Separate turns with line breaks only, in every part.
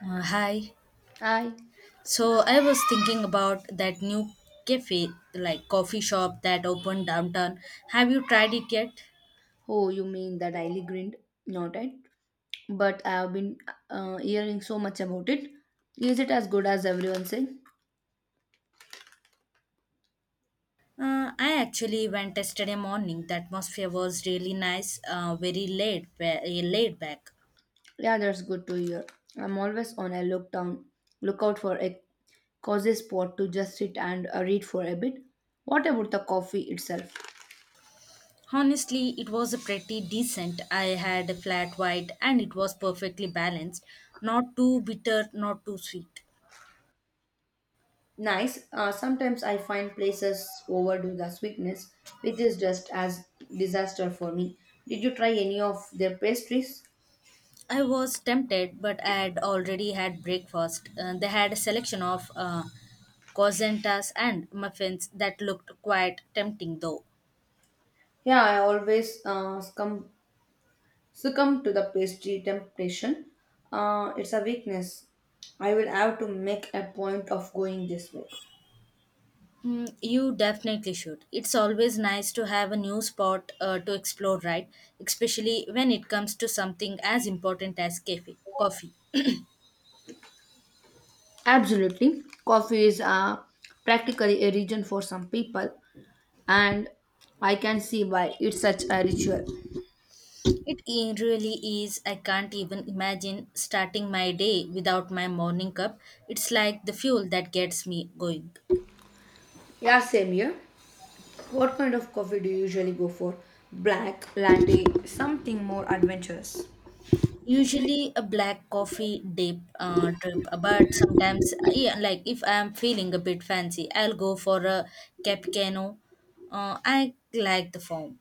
Hi.
I,
So I was thinking about that new cafe, like coffee shop that opened downtown. Have you tried it yet?
oh, you mean the Daily Grind? Not it, but I have been hearing so much about it. Is it as good as everyone say?
I actually went yesterday morning. The atmosphere was really nice, very laid back.
Yeah, that's good to hear. I'm always on a look down, lookout for a cozy spot to just sit and read for a bit. What about the coffee itself?
Honestly, it was a pretty decent. I had a flat white and it was perfectly balanced. Not too bitter, not too sweet.
Nice. Sometimes I find places overdo the sweetness, which is just as disaster for me. Did you try any of their pastries?
I was tempted, but I had already had breakfast. They had a selection of cosentas and muffins that looked quite tempting, though.
Yeah, I always scum Succumb to the pastry temptation. It's a weakness. I will have to make a point of going this way.
Mm, you definitely should. It's always nice to have a new spot to explore, right? Especially when it comes to something as important as cafe, coffee.
Absolutely. Coffee is practically a region for some people, and I can see why it's such a ritual.
Really is. I can't even imagine starting my day without my morning cup. It's like the fuel that gets me going.
Yeah, same here. What kind of coffee do you usually go for? Black, latte, something more adventurous.
Usually a black coffee dip trip, but sometimes yeah, like if I'm feeling a bit fancy, I'll go for a cappuccino. I like the foam.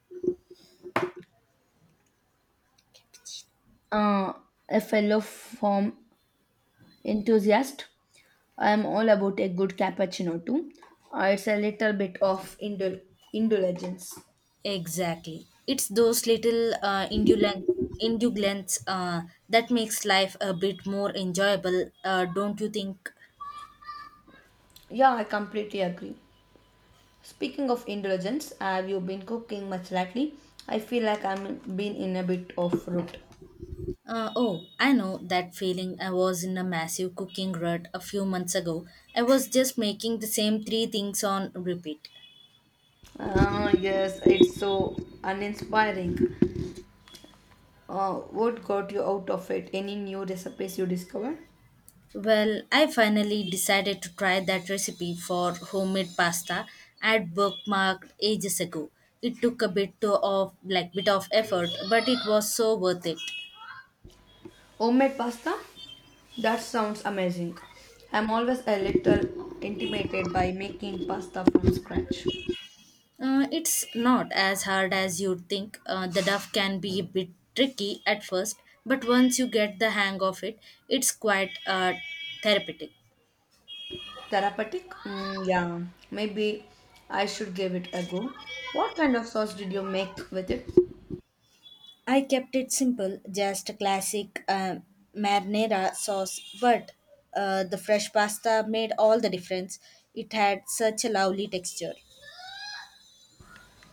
Uh, a fellow form enthusiast, I'm all about a good cappuccino too. It's a little bit of indulgence.
Exactly. It's those little indulgence that makes life a bit more enjoyable, don't you think?
Yeah, I completely agree. Speaking of indulgence, have you been cooking much lately? I feel like I'm been in a bit of rut.
Oh, I know that feeling. I was in a massive cooking rut a few months ago. I was just making the same three things on repeat.
Ah, yes, it's so uninspiring. What got you out of it? Any new recipes you discovered?
Well, I finally decided to try that recipe for homemade pasta I'd bookmarked ages ago. It took a bit to- of like bit of effort, but it was so worth it.
Homemade pasta? That sounds amazing. I'm always a little intimidated by making pasta from scratch.
It's not as hard as you'd think. The dough can be a bit tricky at first, but once you get the hang of it, it's quite therapeutic.
Therapeutic? Mm, yeah, maybe I should give it a go. What kind of sauce did you make with it?
I kept it simple, just a classic marinara sauce, but the fresh pasta made all the difference. It had such a lovely texture.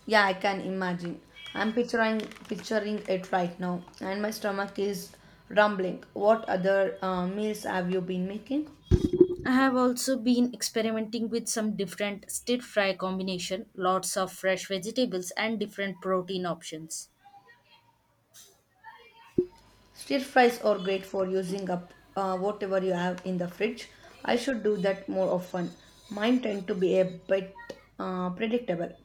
Yeah, I can imagine. I'm picturing it right now, and my stomach is rumbling. What other meals have you been making?
I have also been experimenting with some different stir fry combination, lots of fresh vegetables and different protein options.
Stir fries are great for using up whatever you have in the fridge. I should do that more often. Mine tend to be a bit predictable.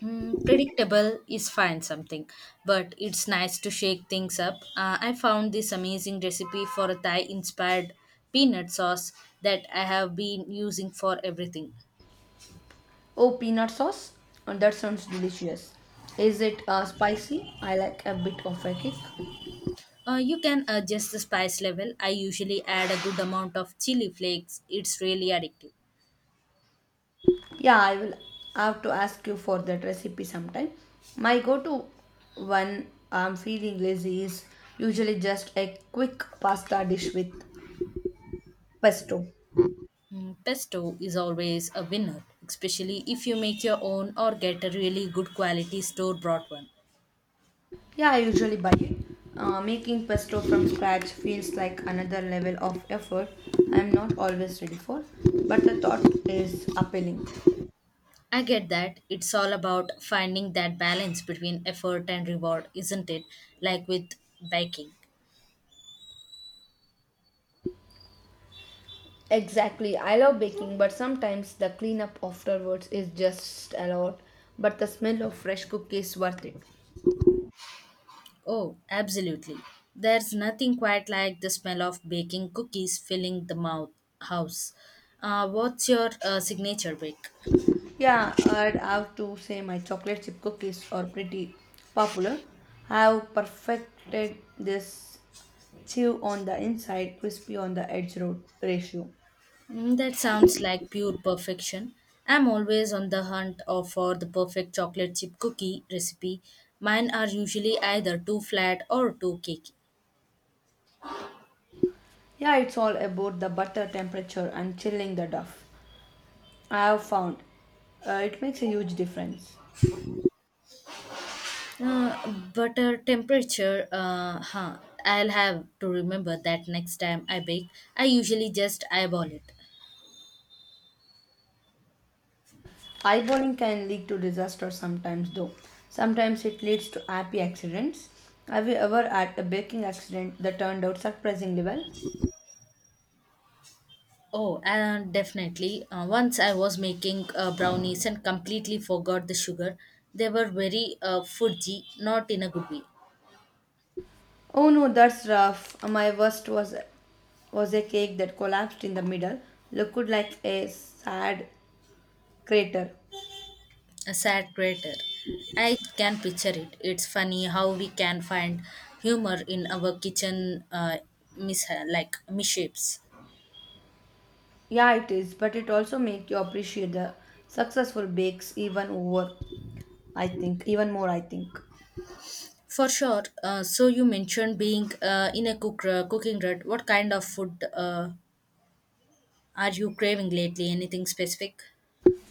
Mm, predictable is fine something, but it's nice to shake things up. I found this amazing recipe for a thai inspired peanut sauce that I have been using for everything.
Oh, peanut sauce? Oh, that sounds delicious. Is it spicy? I like a bit of a kick.
Uh, you can adjust the spice level. I usually add a good amount of chili flakes. It's really addictive.
Yeah, I will have to ask you for that recipe sometime. My go to when I'm feeling lazy is usually just a quick pasta dish with pesto.
Mm, pesto is always a winner, especially if you make your own or get a really good quality store bought one.
Yeah, I usually buy it. Making pesto from scratch feels like another level of effort I'm not always ready for, but the thought is appealing.
I get that. It's all about finding that balance between effort and reward, isn't it? Like with baking.
Exactly. I love baking, but sometimes the cleanup afterwards is just a lot. But the smell of fresh cookies worth it.
Oh, absolutely. There's nothing quite like the smell of baking cookies filling the mouth house. What's your signature bake?
Yeah, I'd have to say my chocolate chip cookies are pretty popular. I have perfected this chew on the inside, crispy on the edge ratio.
Mm, that sounds like pure perfection. I'm always on the for the perfect chocolate chip cookie recipe. Mine are usually either too flat or too cakey.
Yeah, it's all about the butter temperature and chilling the dough. I have found it makes a huge difference.
But temperature, huh. I'll have to remember that next time I bake. I usually just eyeball it.
Eyeballing can lead to disaster sometimes, though. Sometimes it leads to happy accidents. Have you ever had a baking accident that turned out surprisingly well?
Oh, and definitely. Once I was making brownies and completely forgot the sugar. They were very fudgy, not in a good way.
Oh no, that's rough. My worst was a cake that collapsed in the middle, looked like a sad crater.
A sad crater. I can picture it. It's funny how we can find humor in our kitchen mis- like misshapes.
Yeah, it is, but it also makes you appreciate the successful bakes even over. I think even more. I think.
For sure. So you mentioned being in a cooking rut. What kind of food are you craving lately? Anything specific?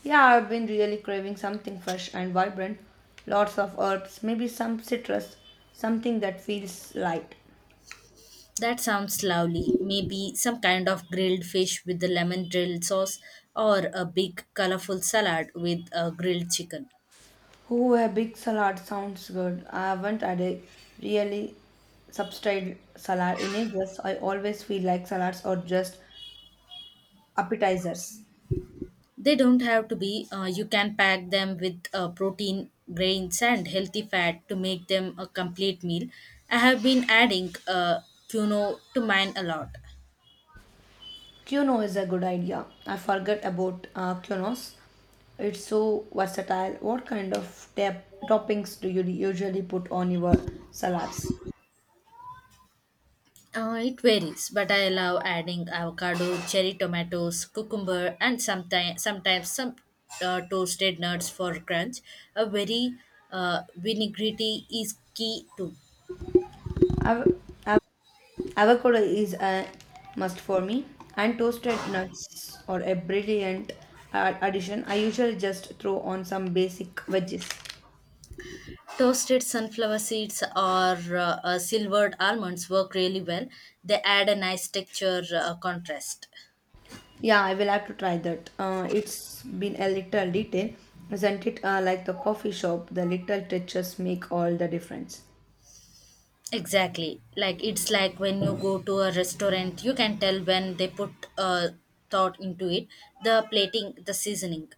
Yeah, I've been really craving something fresh and vibrant. Lots of herbs, maybe some citrus, something that feels light.
That sounds lovely. Maybe some kind of grilled fish with the lemon grilled sauce or a big colorful salad with grilled chicken.
Oh, a big salad sounds good. I haven't had a really substantial salad in ages. I always feel like salads are just appetizers.
They don't have to be. You can pack them with protein, grains, and healthy fat to make them a complete meal. I have been adding quinoa to mine a lot.
Quinoa is a good idea. I forget about quinoas. It's so versatile. What kind of toppings do you usually put on your salads?
It varies, but I love adding avocado, cherry tomatoes, cucumber, and sometimes some toasted nuts for crunch. A very vinaigrette is key too.
I've, I've Avocado is a must for me, and toasted nuts are a brilliant addition. I usually just throw on some basic veggies.
Toasted sunflower seeds or silvered almonds work really well. They add a nice texture contrast.
Yeah, I will have to try that. It's been a little detail, isn't it? Like the coffee shop, the little touches make all the difference.
Exactly. Like it's like when you go to a restaurant, you can tell when they put thought into it, the plating, the seasoning.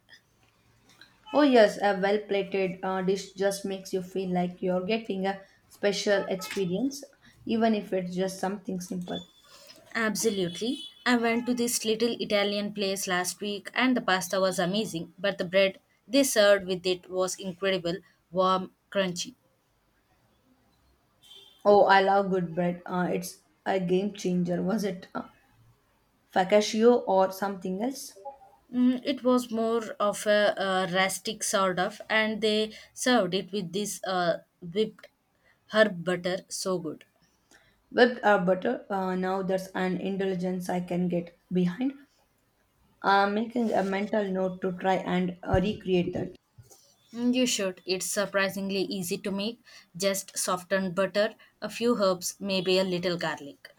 Oh, yes, a well plated dish just makes you feel like you're getting a special experience, even if it's just something simple.
Absolutely. I went to this little Italian place last week and the pasta was amazing, but the bread they served with it was incredible, warm, crunchy.
Oh, I love good bread. It's a game changer, was it? Focaccia or something else.
Mm, it was more of a, rustic sort of, and they served it with this whipped herb butter, so good.
Whipped are butter. Now that's an indulgence I can get behind. I'm making a mental note to try and recreate that.
Mm, you should. It's surprisingly easy to make. Just softened butter, a few herbs, maybe a little garlic.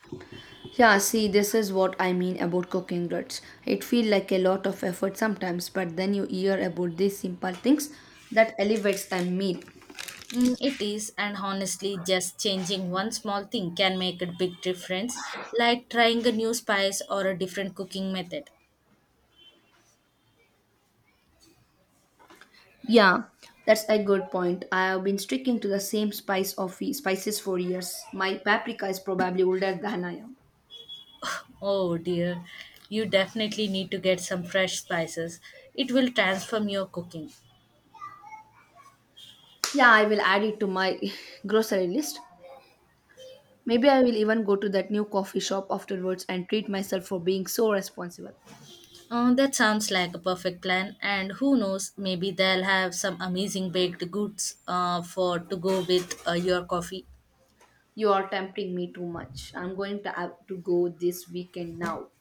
Yeah, see, this is what I mean about cooking ruts. It feels like a lot of effort sometimes, but then you hear about these simple things that elevates a meal.
Mm, it is, and honestly, just changing one small thing can make a big difference, like trying a new spice or a different cooking method.
Yeah, that's a good point. I have been sticking to the same spice of spices for years. My paprika is probably older than I am.
Oh dear, you definitely need to get some fresh spices. It will transform your cooking.
Yeah, I will add it to my grocery list. Maybe I will even go to that new coffee shop afterwards and treat myself for being so responsible.
Oh, that sounds like a perfect plan, and who knows, maybe they'll have some amazing baked goods for to go with your coffee.
You are tempting me too much. I'm going to have to go this weekend now.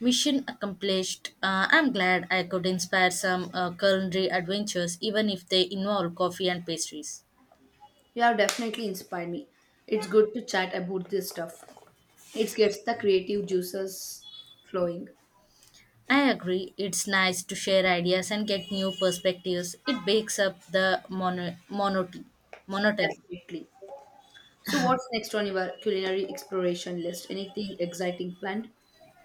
Mission accomplished. I'm glad I could inspire some culinary adventures, even if they involve coffee and pastries.
You have definitely inspired me. It's good to chat about this stuff. It gets the creative juices flowing.
I agree, it's nice to share ideas and get new perspectives. It breaks up the monotony.
Definitely. So, what's next on your culinary exploration list? Anything exciting planned?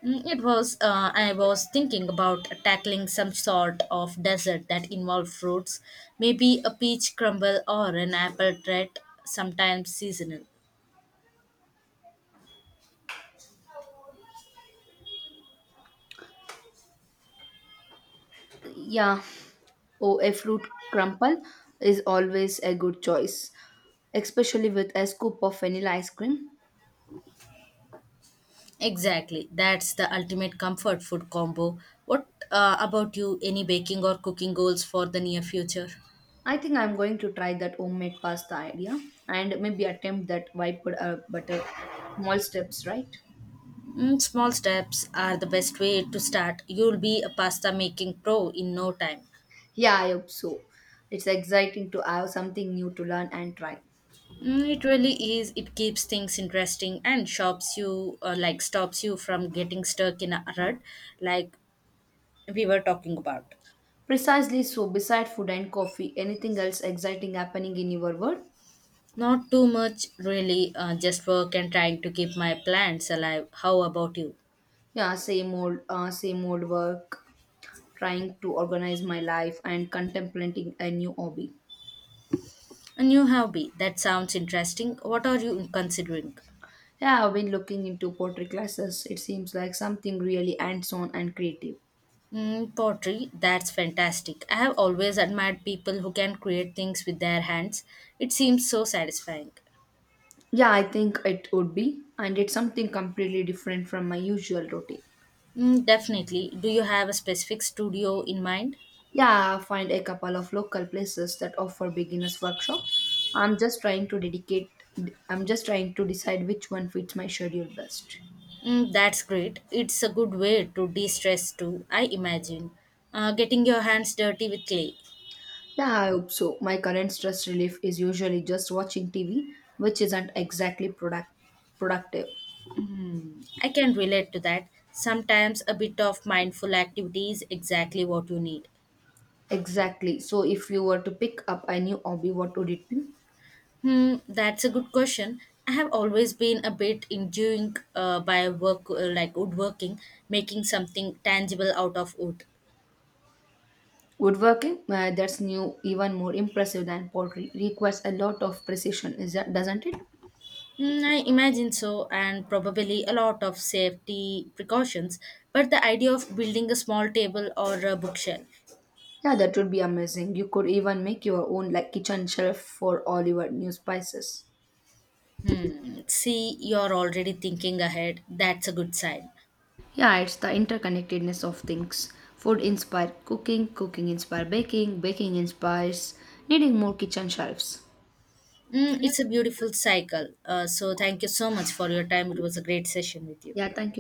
Mm, it was, I was thinking about tackling some sort of dessert that involved fruits, maybe a peach crumble or an apple tart, sometimes seasonal.
Yeah, oh, a fruit crumble is always a good choice, especially with a scoop of vanilla ice cream.
Exactly. That's the ultimate comfort food combo. What about you? Any baking or cooking goals for the near future?
I think I'm going to try that homemade pasta idea and maybe attempt that white butter. Small steps, right?
Mm, small steps are the best way to start. You'll be a pasta making pro in no time.
Yeah, I hope so. It's exciting to have something new to learn and try.
Mm, it really is. It keeps things interesting and shops you like stops you from getting stuck in a rut, like we were talking about.
Precisely so, beside food and coffee, anything else exciting happening in your world?
Not too much, really. Just work and trying to keep my plants alive. How about you?
Yeah, same old work, trying to organize my life and contemplating a new hobby.
A new hobby. That sounds interesting. What are you considering?
Yeah, I've been looking into pottery classes. It seems like something really hands-on and creative.
Mm, pottery. That's fantastic. I have always admired people who can create things with their hands. It seems so satisfying.
Yeah, I think it would be, and it's something completely different from my usual routine.
Mm, definitely. Do you have a specific studio in mind?
Yeah, I find a couple of local places that offer beginners workshop. I'm just trying to dedicate I'm just trying to decide which one fits my schedule best.
Mm, that's great. It's a good way to de stress too, I imagine. Getting your hands dirty with clay.
Yeah, I hope so. My current stress relief is usually just watching TV, which isn't exactly productive.
Hmm, I can relate to that. Sometimes a bit of mindful activity is exactly what you need.
Exactly. So if you were to pick up a new hobby, what would it be?
Hmm, that's a good question. I have always been a bit enjoying, by work, like woodworking, making something tangible out of wood.
Woodworking, that's new, even more impressive than pottery. Requires a lot of precision, is that doesn't it?
Hmm, I imagine so, and probably a lot of safety precautions. But the idea of building a small table or a bookshelf.
Yeah, that would be amazing. You could even make your own like kitchen shelf for all your new spices.
Hmm, see, you're already thinking ahead. That's a good sign.
Yeah, it's the interconnectedness of things. Food inspires cooking, cooking inspires baking, baking inspires needing more kitchen shelves.
Hmm,
Yeah,
it's a beautiful cycle. So, thank you so much for your time. It was a great session with you.
Yeah, thank you.